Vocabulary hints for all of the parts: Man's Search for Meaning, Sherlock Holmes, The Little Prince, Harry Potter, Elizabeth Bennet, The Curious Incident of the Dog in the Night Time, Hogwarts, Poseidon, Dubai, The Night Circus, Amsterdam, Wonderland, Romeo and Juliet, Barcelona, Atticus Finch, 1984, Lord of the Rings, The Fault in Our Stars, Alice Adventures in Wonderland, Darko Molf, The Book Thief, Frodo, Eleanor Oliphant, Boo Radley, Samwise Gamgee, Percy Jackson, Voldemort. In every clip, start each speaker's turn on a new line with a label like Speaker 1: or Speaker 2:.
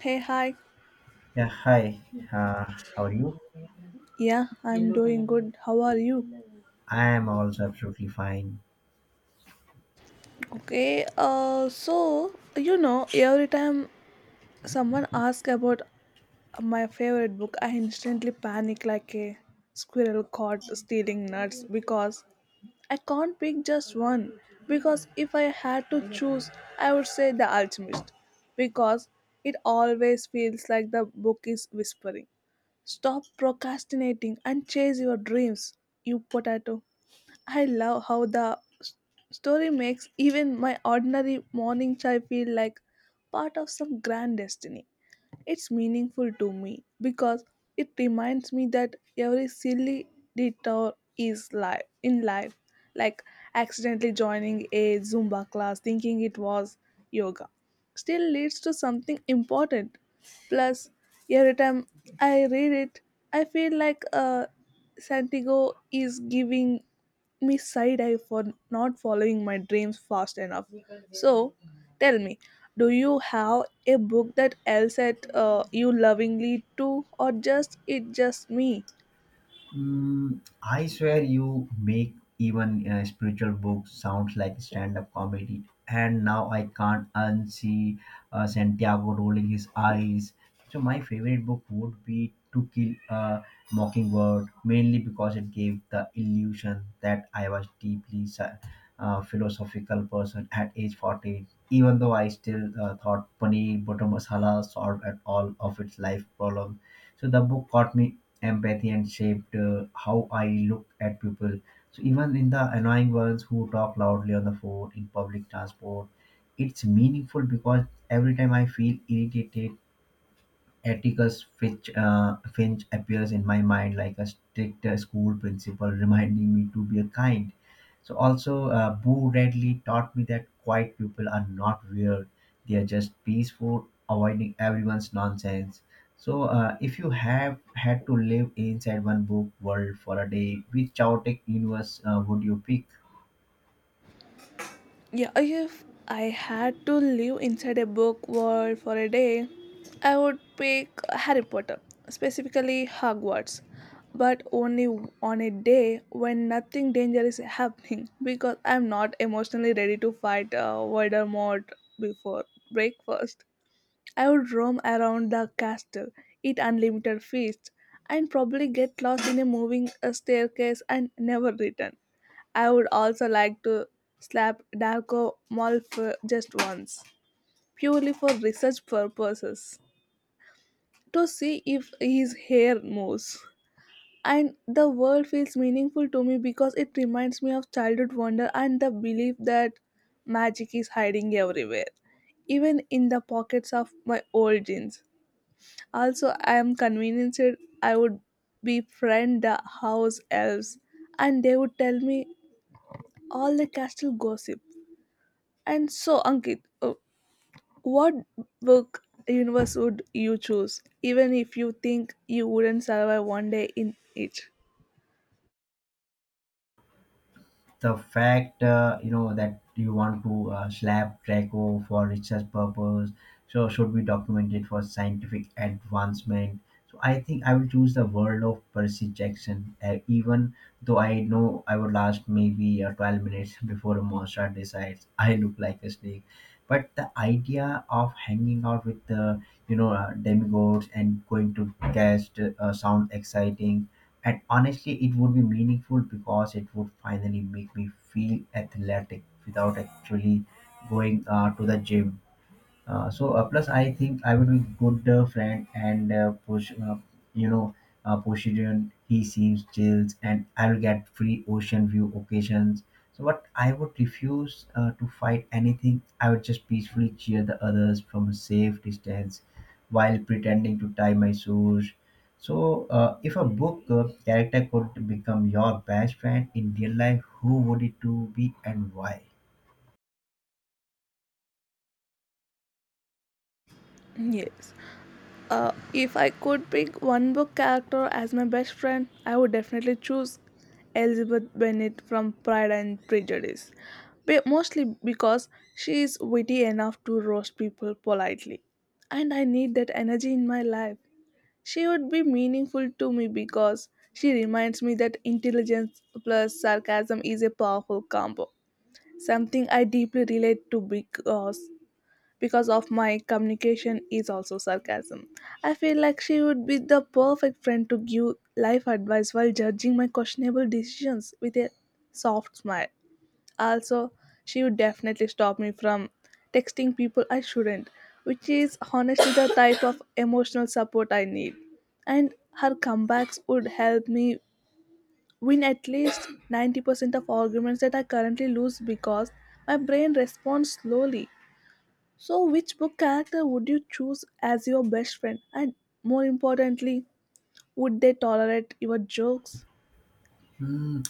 Speaker 1: Hey, hi.
Speaker 2: Yeah, hi. Uh, how are you?
Speaker 1: Yeah, I'm doing good. How are you?
Speaker 2: I am also absolutely fine.
Speaker 1: Okay, every time someone asks about my favorite book, I instantly panic like a squirrel caught stealing nuts because I can't pick just one. Because if I had to choose, I would say The Alchemist because it always feels like the book is whispering. Stop procrastinating and chase your dreams, you potato. I love how story makes even my ordinary morning chai feel like part of some grand destiny. It's meaningful to me because it reminds me that every silly detour is life in life, like accidentally joining a Zumba class thinking it was yoga, still leads to something important. Plus, every time I read it, I feel like Santiago is giving me side eye for not following my dreams fast enough. So, tell me, do you have a book that else at you lovingly too, or just it just me?
Speaker 2: Mm, I swear you make even spiritual books sounds like stand-up comedy. And now I can't unsee Santiago rolling his eyes. So my favorite book would be To Kill a Mockingbird, mainly because it gave the illusion that I was deeply philosophical person at age 40, even though I still thought paneer butter masala solved at all of its life problem. So the book caught me empathy and shaped how I look at people. So even in the annoying ones who talk loudly on the phone in public transport, it's meaningful because every time I feel irritated Atticus Finch appears in my mind like a strict school principal, reminding me to be a kind. So also, Boo Radley taught me that quiet people are not weird; they are just peaceful, avoiding everyone's nonsense. So, if you have had to live inside one book world for a day, which chaotic universe would you pick?
Speaker 1: Yeah, if I had to live inside a book world for a day, I would pick Harry Potter, specifically Hogwarts, but only on a day when nothing dangerous is happening because I'm not emotionally ready to fight Voldemort before breakfast. I would roam around the castle, eat unlimited feasts, and probably get lost in a moving staircase and never return. I would also like to slap Darko Molf just once, purely for research purposes, to see if his hair moves. And the world feels meaningful to me because it reminds me of childhood wonder and the belief that magic is hiding everywhere, even in the pockets of my old jeans. Also, I am convinced I would befriend the house elves and they would tell me all the castle gossip. And so, Ankit, what book universe would you choose, even if you think you wouldn't survive one day in it?
Speaker 2: The fact you know that you want to slap Draco for research purpose, so should be documented for scientific advancement. So I think I will choose the world of Percy Jackson, even though I know I would last maybe 12 minutes before a monster decides I look like a snake. But the idea of hanging out with the you know demigods and going to cast sound exciting and honestly, it would be meaningful because it would finally make me feel athletic without actually going to the gym. Plus I think I would be good friend and push you know Poseidon he seems chills and I will get free ocean view occasions so but I would refuse to fight anything. I would just peacefully cheer the others from a safe distance while pretending to tie my shoes. So if a book character could become your best friend in real life, who would it to be and why?
Speaker 1: Yes. If I could pick one book character as my best friend, I would definitely choose Elizabeth Bennet from Pride and Prejudice. Mostly because she is witty enough to roast people politely. And I need that energy in my life. She would be meaningful to me because she reminds me that intelligence plus sarcasm is a powerful combo. Something I deeply relate to because of my communication is also sarcasm. I feel like she would be the perfect friend to give life advice while judging my questionable decisions with a soft smile. Also, she would definitely stop me from texting people I shouldn't, which is honestly the type of emotional support I need. And her comebacks would help me win at least 90% of arguments that I currently lose because my brain responds slowly. So, which book character would you choose as your best friend? And more importantly, would they tolerate your jokes?
Speaker 2: Hmm,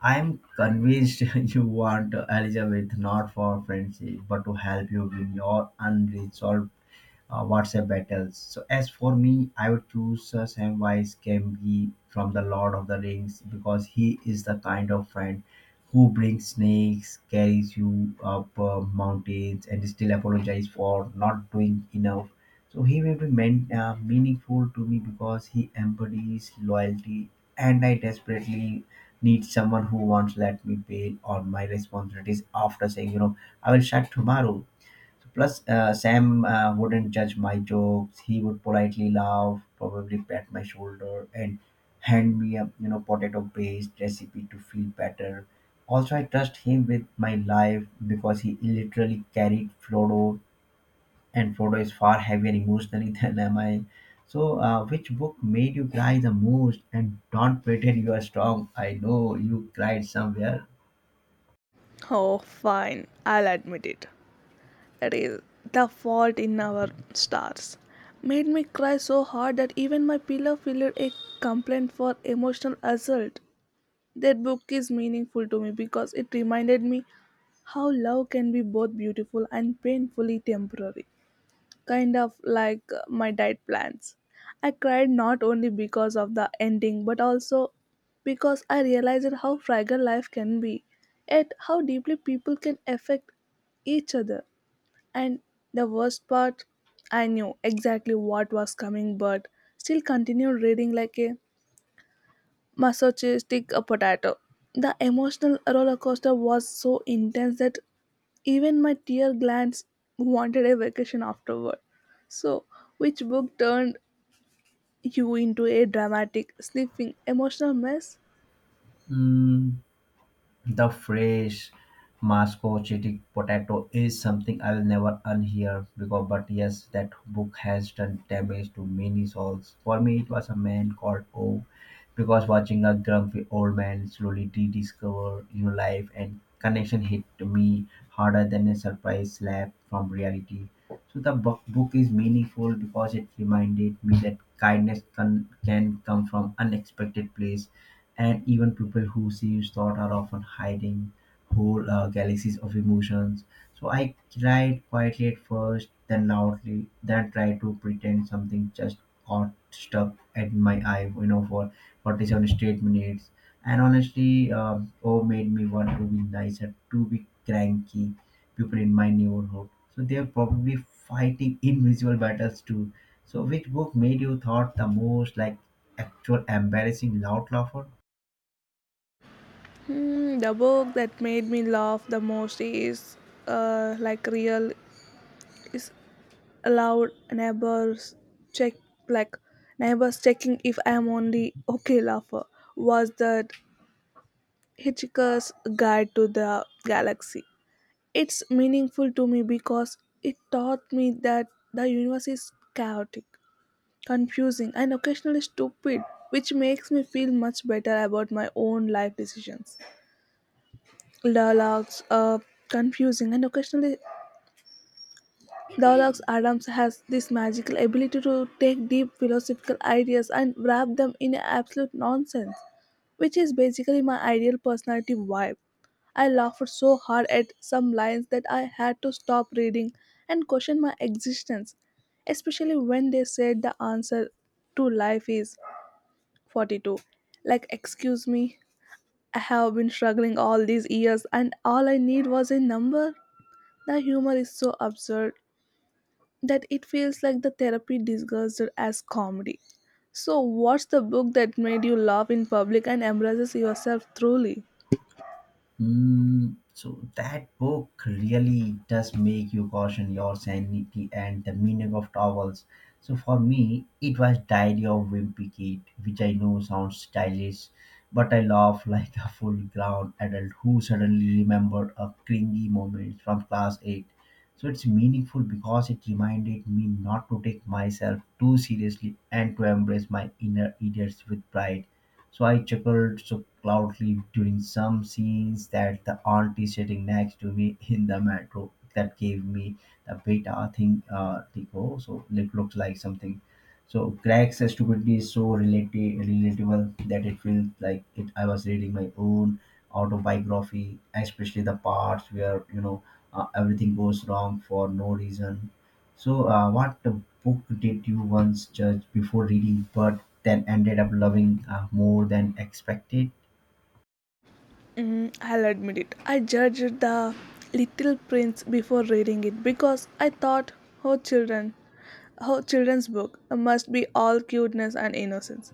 Speaker 2: I'm convinced you want Elizabeth not for friendship, but to help you win your unresolved WhatsApp battles. So as for me, I would choose Samwise Gamgee from the Lord of the Rings because he is the kind of friend who brings snakes, carries you up mountains, and still apologize for not doing enough. So he will be meaningful to me because he embodies loyalty, and I desperately need someone who won't let me fail on my responsibilities after saying, you know, I will start tomorrow. Plus, Sam wouldn't judge my jokes. He would politely laugh, probably pat my shoulder, and hand me a you know potato-based recipe to feel better. Also, I trust him with my life because he literally carried Frodo, and Frodo is far heavier emotionally than am I. So, which book made you cry the most? And don't pretend you are strong. I know you cried somewhere.
Speaker 1: Oh, fine, I'll admit it. That is The Fault in Our Stars, made me cry so hard that even my pillow filed a complaint for emotional assault. That book is meaningful to me because it reminded me how love can be both beautiful and painfully temporary, kind of like my diet plans. I cried not only because of the ending but also because I realized how fragile life can be, yet how deeply people can affect each other. And the worst part, I knew exactly what was coming, but still continued reading like a masochistic a potato. The emotional roller coaster was so intense that even my tear glands wanted a vacation afterward. So, which book turned you into a dramatic, sniffing, emotional mess?
Speaker 2: Mm, the phrase Moscow cheating potato is something I will never unhear because but yes that book has done damage to many souls. For me it was A Man Called O because watching a grumpy old man slowly rediscover new life and connection hit me harder than a surprise slap from reality. So the book is meaningful because it reminded me that kindness can come from unexpected place and even people who seems thought are often hiding whole galaxies of emotions. So I cried quietly at first, then loudly, then tried to pretend something just got stuck at my eye, you know, for 47 straight minutes. And honestly, oh, made me want to be nicer, to be cranky. People in my neighborhood, so they are probably fighting invisible battles too. So, which book made you thought the most like actual embarrassing loud laugher?
Speaker 1: Hmm, the book that made me laugh the most is like real is loud neighbors check like neighbors checking if I am on the okay laugher was that Hitchhiker's Guide to the Galaxy. It's meaningful to me because it taught me that the universe is chaotic, confusing, and occasionally stupid, which makes me feel much better about my own life decisions. Dialogues are confusing and occasionally Douglas Adams has this magical ability to take deep philosophical ideas and wrap them in absolute nonsense, which is basically my ideal personality vibe. I laughed so hard at some lines that I had to stop reading and question my existence, especially when they said the answer to life is 42. Like, excuse me, I have been struggling all these years and all I need was a number. The humor is so absurd that it feels like the therapy disguised as comedy. So, what's the book that made you laugh in public and embraces yourself truly?
Speaker 2: Mm, so that book really does make you caution your sanity and the meaning of towels. So for me, it was Diary of Wimpy Kid, which I know sounds stylish, but I laugh like a full-grown adult who suddenly remembered a cringy moment from class 8. So it's meaningful because it reminded me not to take myself too seriously and to embrace my inner idiots with pride. So I chuckled so loudly during some scenes that the auntie sitting next to me in the metro that gave me the beta thing tico. So it looks like something. So Greg's stupidity is so relatable that it feels like it, I was reading my own autobiography, especially the parts where you know everything goes wrong for no reason. So, what book did you once judge before reading, but then ended up loving more than expected?
Speaker 1: Mm, I'll admit it. I judged the Little Prince before reading it because I thought, oh children, oh children's book must be all cuteness and innocence.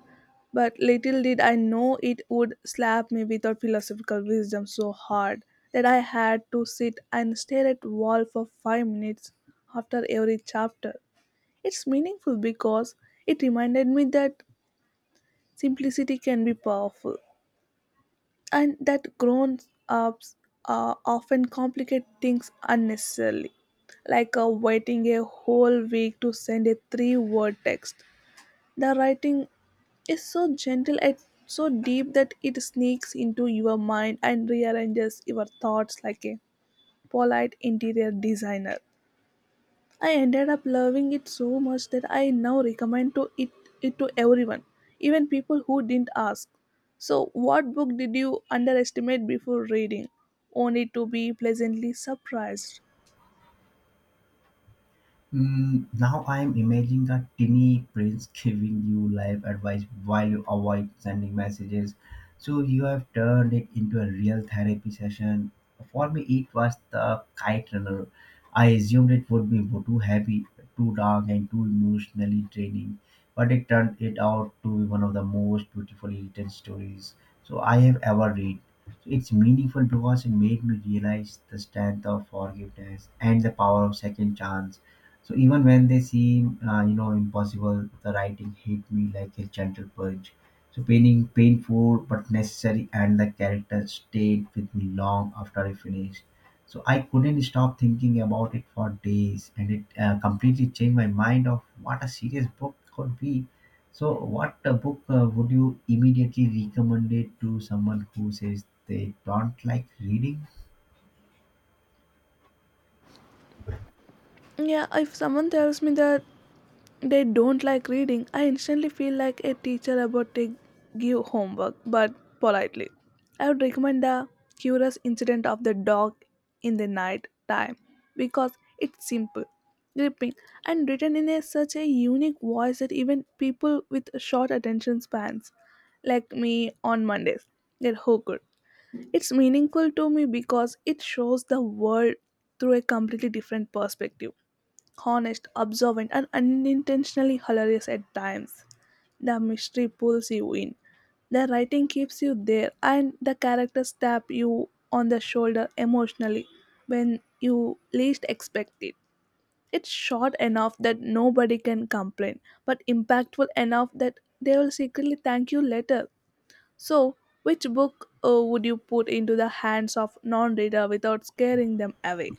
Speaker 1: But little did I know it would slap me with her philosophical wisdom so hard that I had to sit and stare at wall for 5 minutes after every chapter. It's meaningful because it reminded me that simplicity can be powerful and that grown ups often complicate things unnecessarily, like waiting a whole week to send a three word text. The writing is so gentle and so deep that it sneaks into your mind and rearranges your thoughts like a polite interior designer. I ended up loving it so much that I now it to everyone, even people who didn't ask. So, what book did you underestimate before reading, only to be pleasantly surprised?
Speaker 2: Mm, now I am imagining a tiny prince giving you life advice while you avoid sending messages. So you have turned it into a real therapy session. For me, it was the Kite Runner. I assumed it would be too heavy, too dark, and too emotionally draining, but it turned it out to be one of the most beautifully written stories so I have ever read. So it's meaningful because it made me realize the strength of forgiveness and the power of second chance so even when they seem, you know, impossible, the writing hit me like a gentle purge. So painting, painful but necessary, and the character stayed with me long after I finished. So I couldn't stop thinking about it for days, and it completely changed my mind of what a serious book could be. So, what book would you immediately recommend it to someone who says they don't like reading?
Speaker 1: Yeah, if someone tells me that they don't like reading, I instantly feel like a teacher about to give homework, but politely. I would recommend the curious incident of the dog in the night time because it's simple, gripping, and written in a, such a unique voice that even people with short attention spans, like me on Mondays, get hooked. It's meaningful to me because it shows the world through a completely different perspective honest, observant, and unintentionally hilarious at times. The mystery pulls you in. The writing keeps you there, and the characters tap you on the shoulder emotionally when you least expect it. It's short enough that nobody can complain, but impactful enough that they will secretly thank you later. So, which book would you put into the hands of non reader without scaring them away?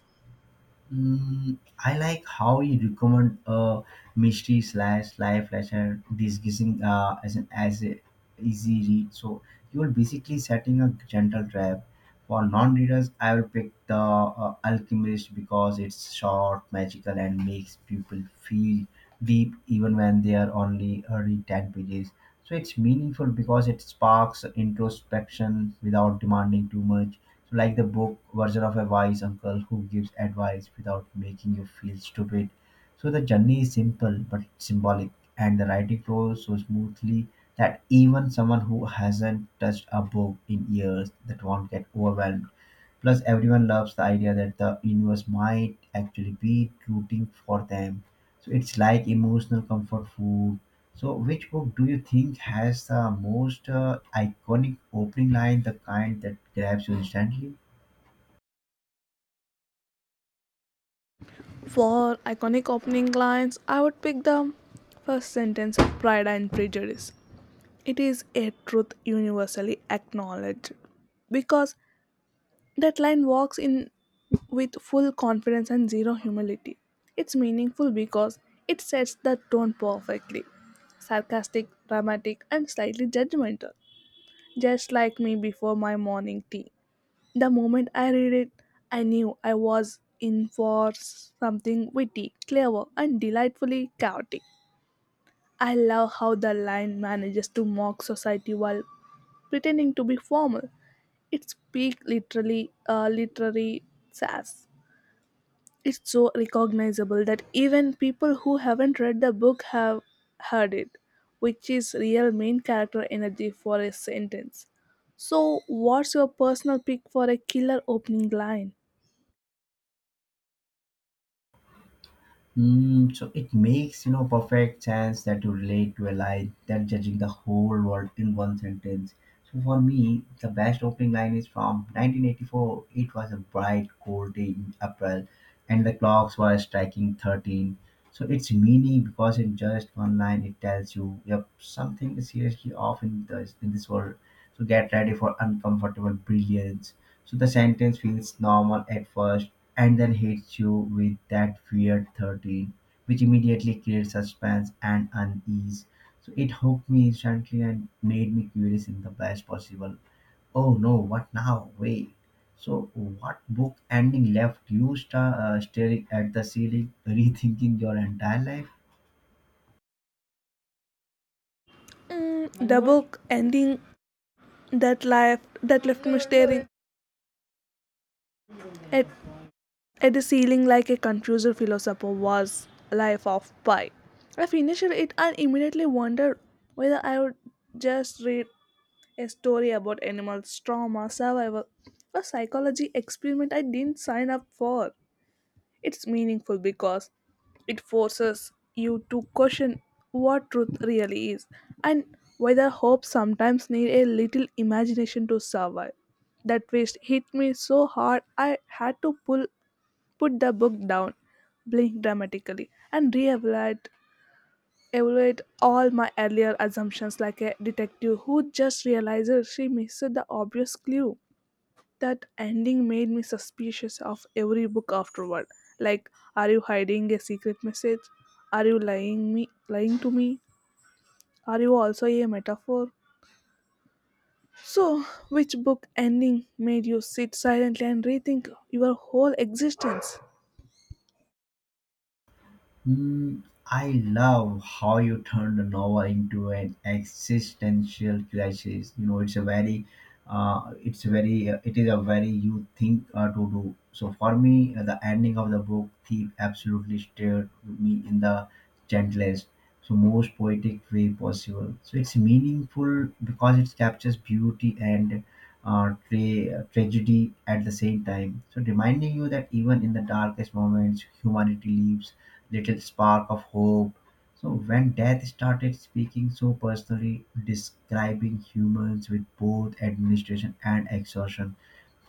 Speaker 2: Mm, I like how you recommend a mystery slash life lesson disguising as an as a easy read. So you're basically setting a gentle trap. For non-readers, I will pick the Alchemist because it's short, magical, and makes people feel deep even when they are only early ten pages. So it's meaningful because it sparks introspection without demanding too much like the book version of a wise uncle who gives advice without making you feel stupid. So the journey is simple but symbolic, and the writing flows so smoothly that even someone who hasn't touched a book in years that won't get overwhelmed. Plus, everyone loves the idea that the universe might actually be rooting for them. So it's like emotional comfort food. So, which book do you think has the most iconic opening line, the kind that grabs you instantly?
Speaker 1: For iconic opening lines, I would pick the first sentence of Pride and Prejudice. It is a truth universally acknowledged because that line walks in with full confidence and zero humility. It's meaningful because it sets the tone perfectly sarcastic, dramatic, and slightly judgmental, just like me before my morning tea. The moment I read it, I knew I was in for something witty, clever, and delightfully chaotic. I love how the line manages to mock society while pretending to be formal. It's peak literally literary sass. It's so recognizable that even people who haven't read the book have heard it, which is real main character energy for a sentence. So, what's your personal pick for a killer opening line?
Speaker 2: Mm, so it makes you know perfect sense that you relate to a line than judging the whole world in one sentence. So for me, the best opening line is from 1984. It was a bright, cold day in April, and the clocks were striking 13. So its meaning, because in just one line, it tells you, yep, something is seriously off in this world. So get ready for uncomfortable brilliance. So the sentence feels normal at first and then hits you with that weird 13, which immediately creates suspense and unease. So it hooked me instantly and made me curious in the best possible oh no what now wait. So what book ending left you staring at the ceiling rethinking your entire life?
Speaker 1: Mm, the book ending that left me staring at, at the ceiling like a confused philosopher was Life of Pi. I finished it and immediately wondered whether I would just read a story about animals, trauma, survival, a psychology experiment I didn't sign up for. It's meaningful because it forces you to question what truth really is and whether hope sometimes need a little imagination to survive. That twist hit me so hard I had to pull put the book down, blink dramatically, and re-evaluate evaluate all my earlier assumptions like a detective who just realizes she missed the obvious clue. That ending made me suspicious of every book afterward. Like, are you hiding a secret message? Are you lying me lying to me? Are you also a metaphor? So, which book ending made you sit silently and rethink your whole existence?
Speaker 2: Mm, I love how you turned the novel into an existential crisis. You know, it's a it is a very you think to do. So for me, the ending of the Book Thief absolutely stared me in the gentlest, so most poetic way possible. So it's meaningful because it captures beauty and tragedy at the same time. So reminding you that even in the darkest moments, humanity lives little spark of hope. So when death started speaking so personally, describing humans with both administration and exhaustion,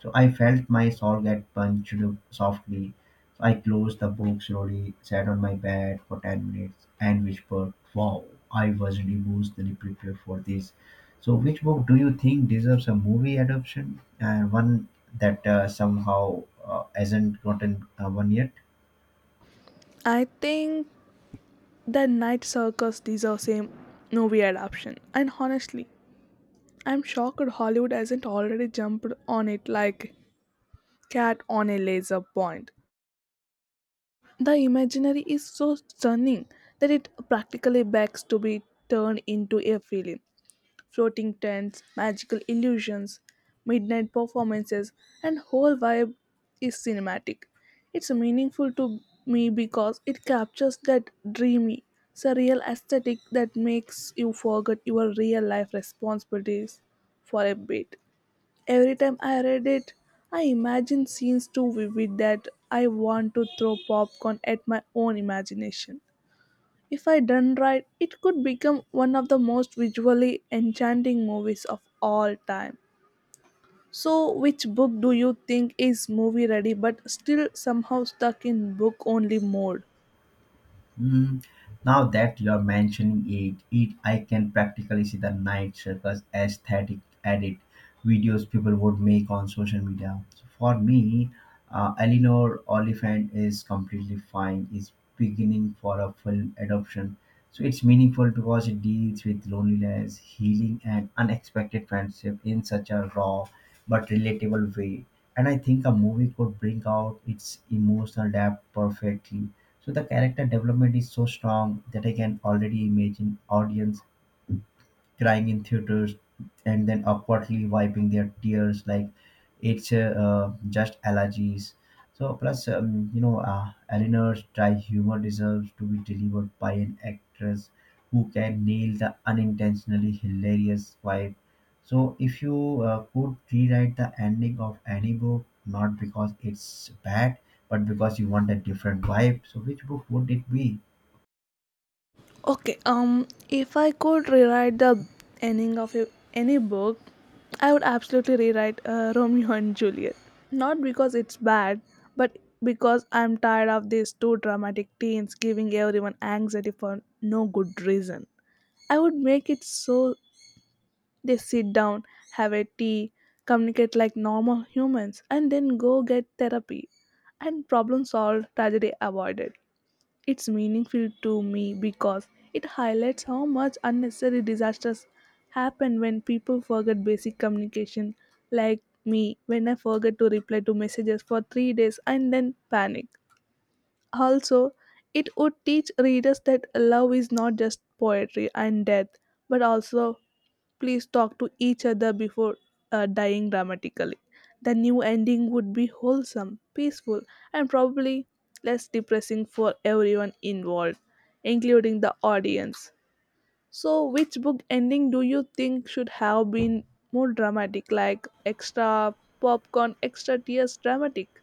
Speaker 2: so I felt my soul get punched softly. So I closed the book slowly, sat on my bed for 10 minutes, and whispered, "Wow, I wasn't emotionally prepared for this." So, which book do you think deserves a movie adaptation and one that somehow hasn't gotten one yet?
Speaker 1: I think the Night Circus deserves a movie adaptation. And honestly, I'm shocked Hollywood hasn't already jumped on it like cat on a laser point. The imaginary is so stunning that it practically begs to be turned into a film. Floating tents, magical illusions, midnight performances, and whole vibe is cinematic. It's meaningful to me because it captures that dreamy, surreal aesthetic that makes you forget your real life responsibilities for a bit. Every time I read it, I imagine scenes too vivid that I want to throw popcorn at my own imagination. If I done right, it could become one of the most visually enchanting movies of all time. So, which book do you think is movie ready but still somehow stuck in book only mode?
Speaker 2: Mm, now that you're mentioning it, it I can practically see the Night Circus aesthetic edit videos people would make on social media. So for me, Eleanor Oliphant is completely fine. Is beginning for a full adoption, so it's meaningful because it deals with loneliness, healing, and unexpected friendship in such a raw but relatable way. And I think a movie could bring out its emotional depth perfectly. So the character development is so strong that I can already imagine audience crying in theaters and then awkwardly wiping their tears like it's just allergies. So plus, Eleanor's dry humor deserves to be delivered by an actress who can nail the unintentionally hilarious vibe. So if you could rewrite the ending of any book, not because it's bad, but because you want a different vibe, so which book would it be?
Speaker 1: Okay, if I could rewrite the ending any book, I would absolutely rewrite Romeo and Juliet. Not because it's bad, but because I'm tired of these two dramatic teens giving everyone anxiety for no good reason. I would make it so they sit down, have a tea, communicate like normal humans, and then go get therapy. And problem solved, tragedy avoided. It's meaningful to me because it highlights how much unnecessary disasters happen when people forget basic communication, like me when I forget to reply to messages for 3 days and then panic. Also, it would teach readers that love is not just poetry and death, but also please talk to each other before dying dramatically. The new ending would be wholesome, peaceful, and probably less depressing for everyone involved, including the audience. So, which book ending do you think should have been more dramatic, like extra popcorn, extra tears dramatic?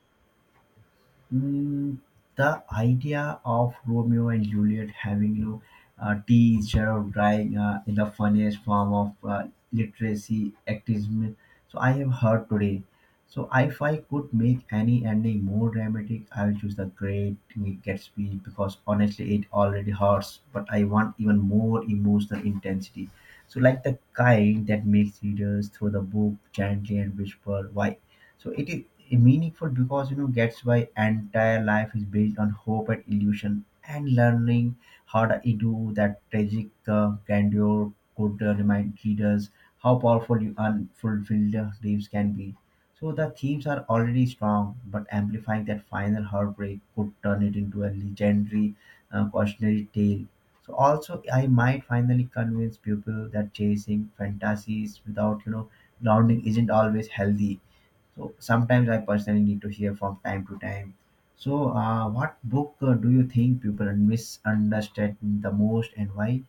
Speaker 2: Mm, the idea of Romeo and Juliet having, tea instead of drying in the funniest form of literacy activism. So I have heard today. So if I could make any ending more dramatic, I will choose the Great Gatsby because honestly, it already hurts. But I want even more emotional intensity. So like the kind that makes readers throw the book gently and whisper, "Why so it is meaningful because gets why entire life is built on hope and illusion and learning how to do that tragic grandeur could remind readers how powerful you unfulfilled dreams can be, so the themes are already strong but amplifying that final heartbreak could turn it into a legendary cautionary tale. So also I might finally convince people that chasing fantasies without grounding isn't always healthy, so sometimes I personally need to hear from time to time. So, what book do you think people misunderstand the most and why?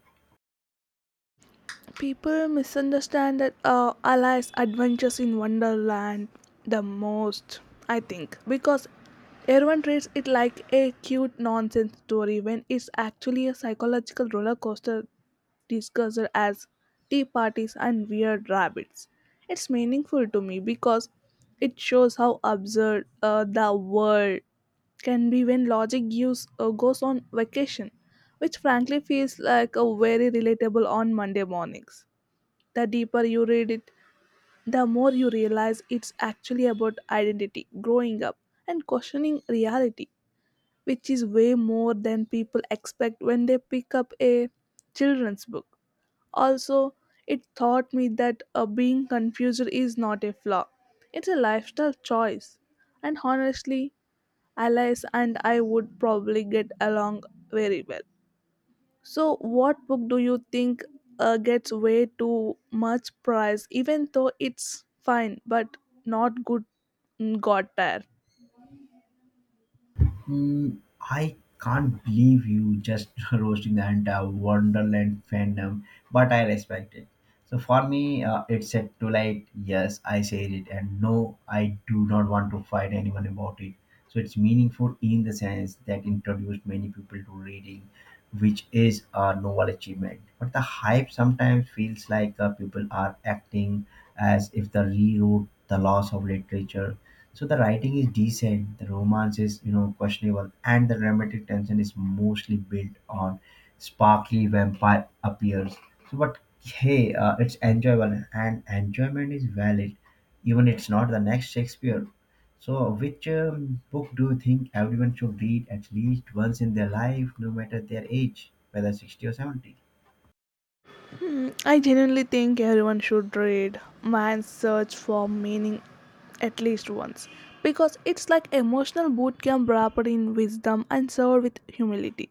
Speaker 1: People misunderstand that Alice Adventures in Wonderland the most, I think, because everyone treats it like a cute nonsense story when it's actually a psychological roller coaster discussed as tea parties and weird rabbits. It's meaningful to me because it shows how absurd the world can be when goes on vacation, which frankly feels like a very relatable on Monday mornings. The deeper you read it, the more you realize it's actually about identity, growing up, and questioning reality, which is way more than people expect when they pick up a children's book. Also, it taught me that being confused is not a flaw, it's a lifestyle choice. And honestly, Alice and I would probably get along very well. So, what book do you think gets way too much price, even though it's fine but not good? Got there.
Speaker 2: Mm, I can't believe you just roasting the entire Wonderland fandom, but I respect it. So for me, it's set to like, yes, I said it, and no, I do not want to fight anyone about it. So it's meaningful in the sense that introduced many people to reading, which is a novel achievement. But the hype sometimes feels like people are acting as if they rewrote the laws of literature, so the writing is decent, the romance is, questionable, and the dramatic tension is mostly built on sparkly vampire appears. So, but hey, it's enjoyable and enjoyment is valid, even it's not the next Shakespeare. So, which book do you think everyone should read at least once in their life, no matter their age, whether 60 or 70?
Speaker 1: I genuinely think everyone should read Man's Search for Meaning at least once because it's like emotional boot camp wrapped in wisdom and served with humility.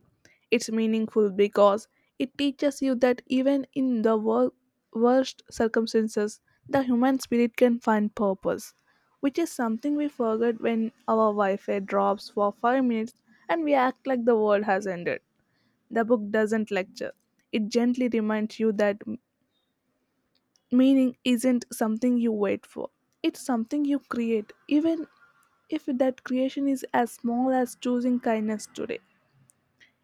Speaker 1: It's meaningful because it teaches you that even in the worst circumstances, the human spirit can find purpose, which is something we forget when our Wi Fi drops for 5 minutes and we act like the world has ended. The book doesn't lecture, it gently reminds you that meaning isn't something you wait for, it's something you create, even if that creation is as small as choosing kindness today.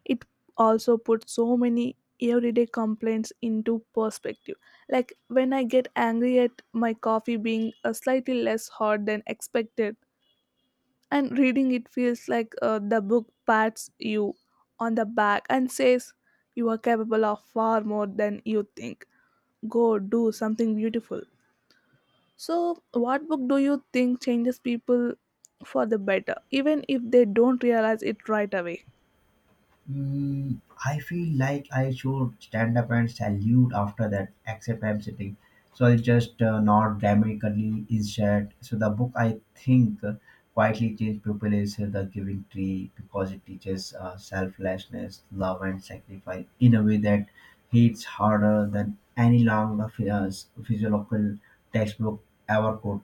Speaker 1: It also puts so many everyday complaints into perspective. Like when I get angry at my coffee being slightly less hot than expected, and reading it feels like the book pats you on the back and says, "You are capable of far more than you think. Go do something beautiful." So, what book do you think changes people for the better, even if they don't realize it right away?
Speaker 2: Mm, I feel like I should stand up and salute after that, except I'm sitting. So I'll just nod dramatically instead. So the book I think quietly changed people is The Giving Tree because it teaches selflessness, love, and sacrifice in a way that hits harder than any long physiological textbook ever could.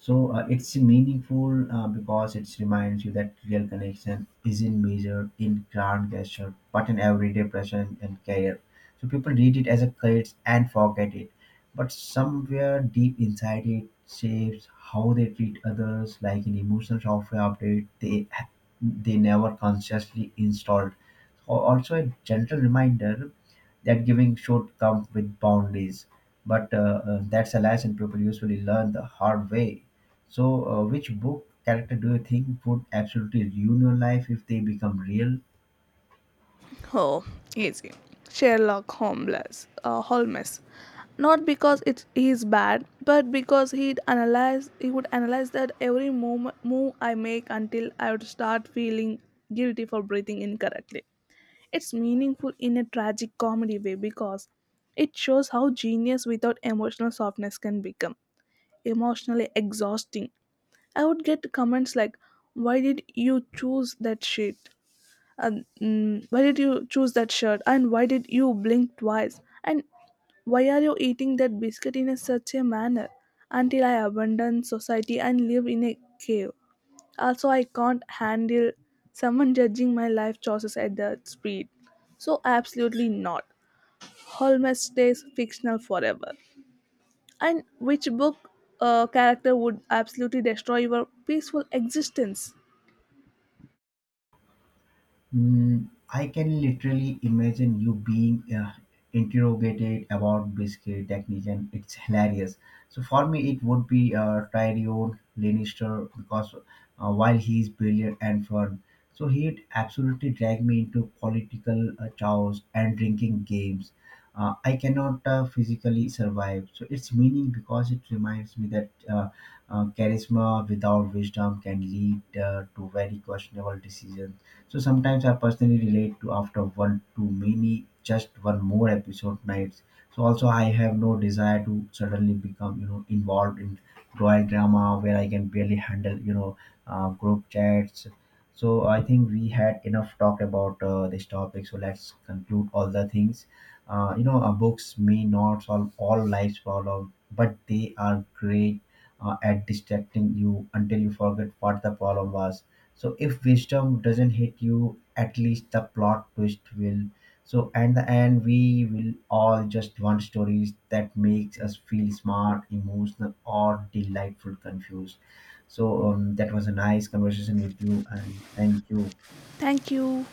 Speaker 2: So it's meaningful because it reminds you that real connection isn't measured in grand gesture, but in everyday presence and care. So people read it as a credit and forget it, but somewhere deep inside it shapes how they treat others, like an emotional software update they never consciously installed. Also, a gentle reminder that giving should come with boundaries, but that's a lesson people usually learn the hard way. So, which book character do you think would absolutely ruin your life if they become real?
Speaker 1: Oh, easy. Sherlock Holmes. Holmes. Not because it is bad, but because He would analyze that move I make until I would start feeling guilty for breathing incorrectly. It's meaningful in a tragic comedy way because it shows how genius without emotional softness can become emotionally exhausting. I would get comments like, "Why did you choose that shit?" And mm, "Why did you choose that shirt?" And "Why did you blink twice?" And "Why are you eating that biscuit in a, such a manner?" Until I abandon society and live in a cave. Also, I can't handle someone judging my life choices at that speed. So, absolutely not. Holmes stays fictional forever. And which book character would absolutely destroy your peaceful existence?
Speaker 2: Mm, I can literally imagine you being interrogated about biscuit technique, and it's hilarious. So for me, it would be Tyrion Lannister because while he is brilliant and fun, so he'd absolutely drag me into political chows and drinking games. I cannot physically survive. So it's meaning because it reminds me that charisma without wisdom can lead to very questionable decisions, so sometimes I personally relate to after one too many, just one more episode nights. So also I have no desire to suddenly become, involved in royal drama where I can barely handle, group chats. So I think we had enough talk about this topic. So let's conclude all the things. Books may not solve all life's problems, but they are great at distracting you until you forget what the problem was, so if wisdom doesn't hit you, at least the plot twist will. So at the end we will all just want stories that makes us feel smart, emotional, or delightful confused. So that was a nice conversation with you, and thank you.
Speaker 1: Thank you.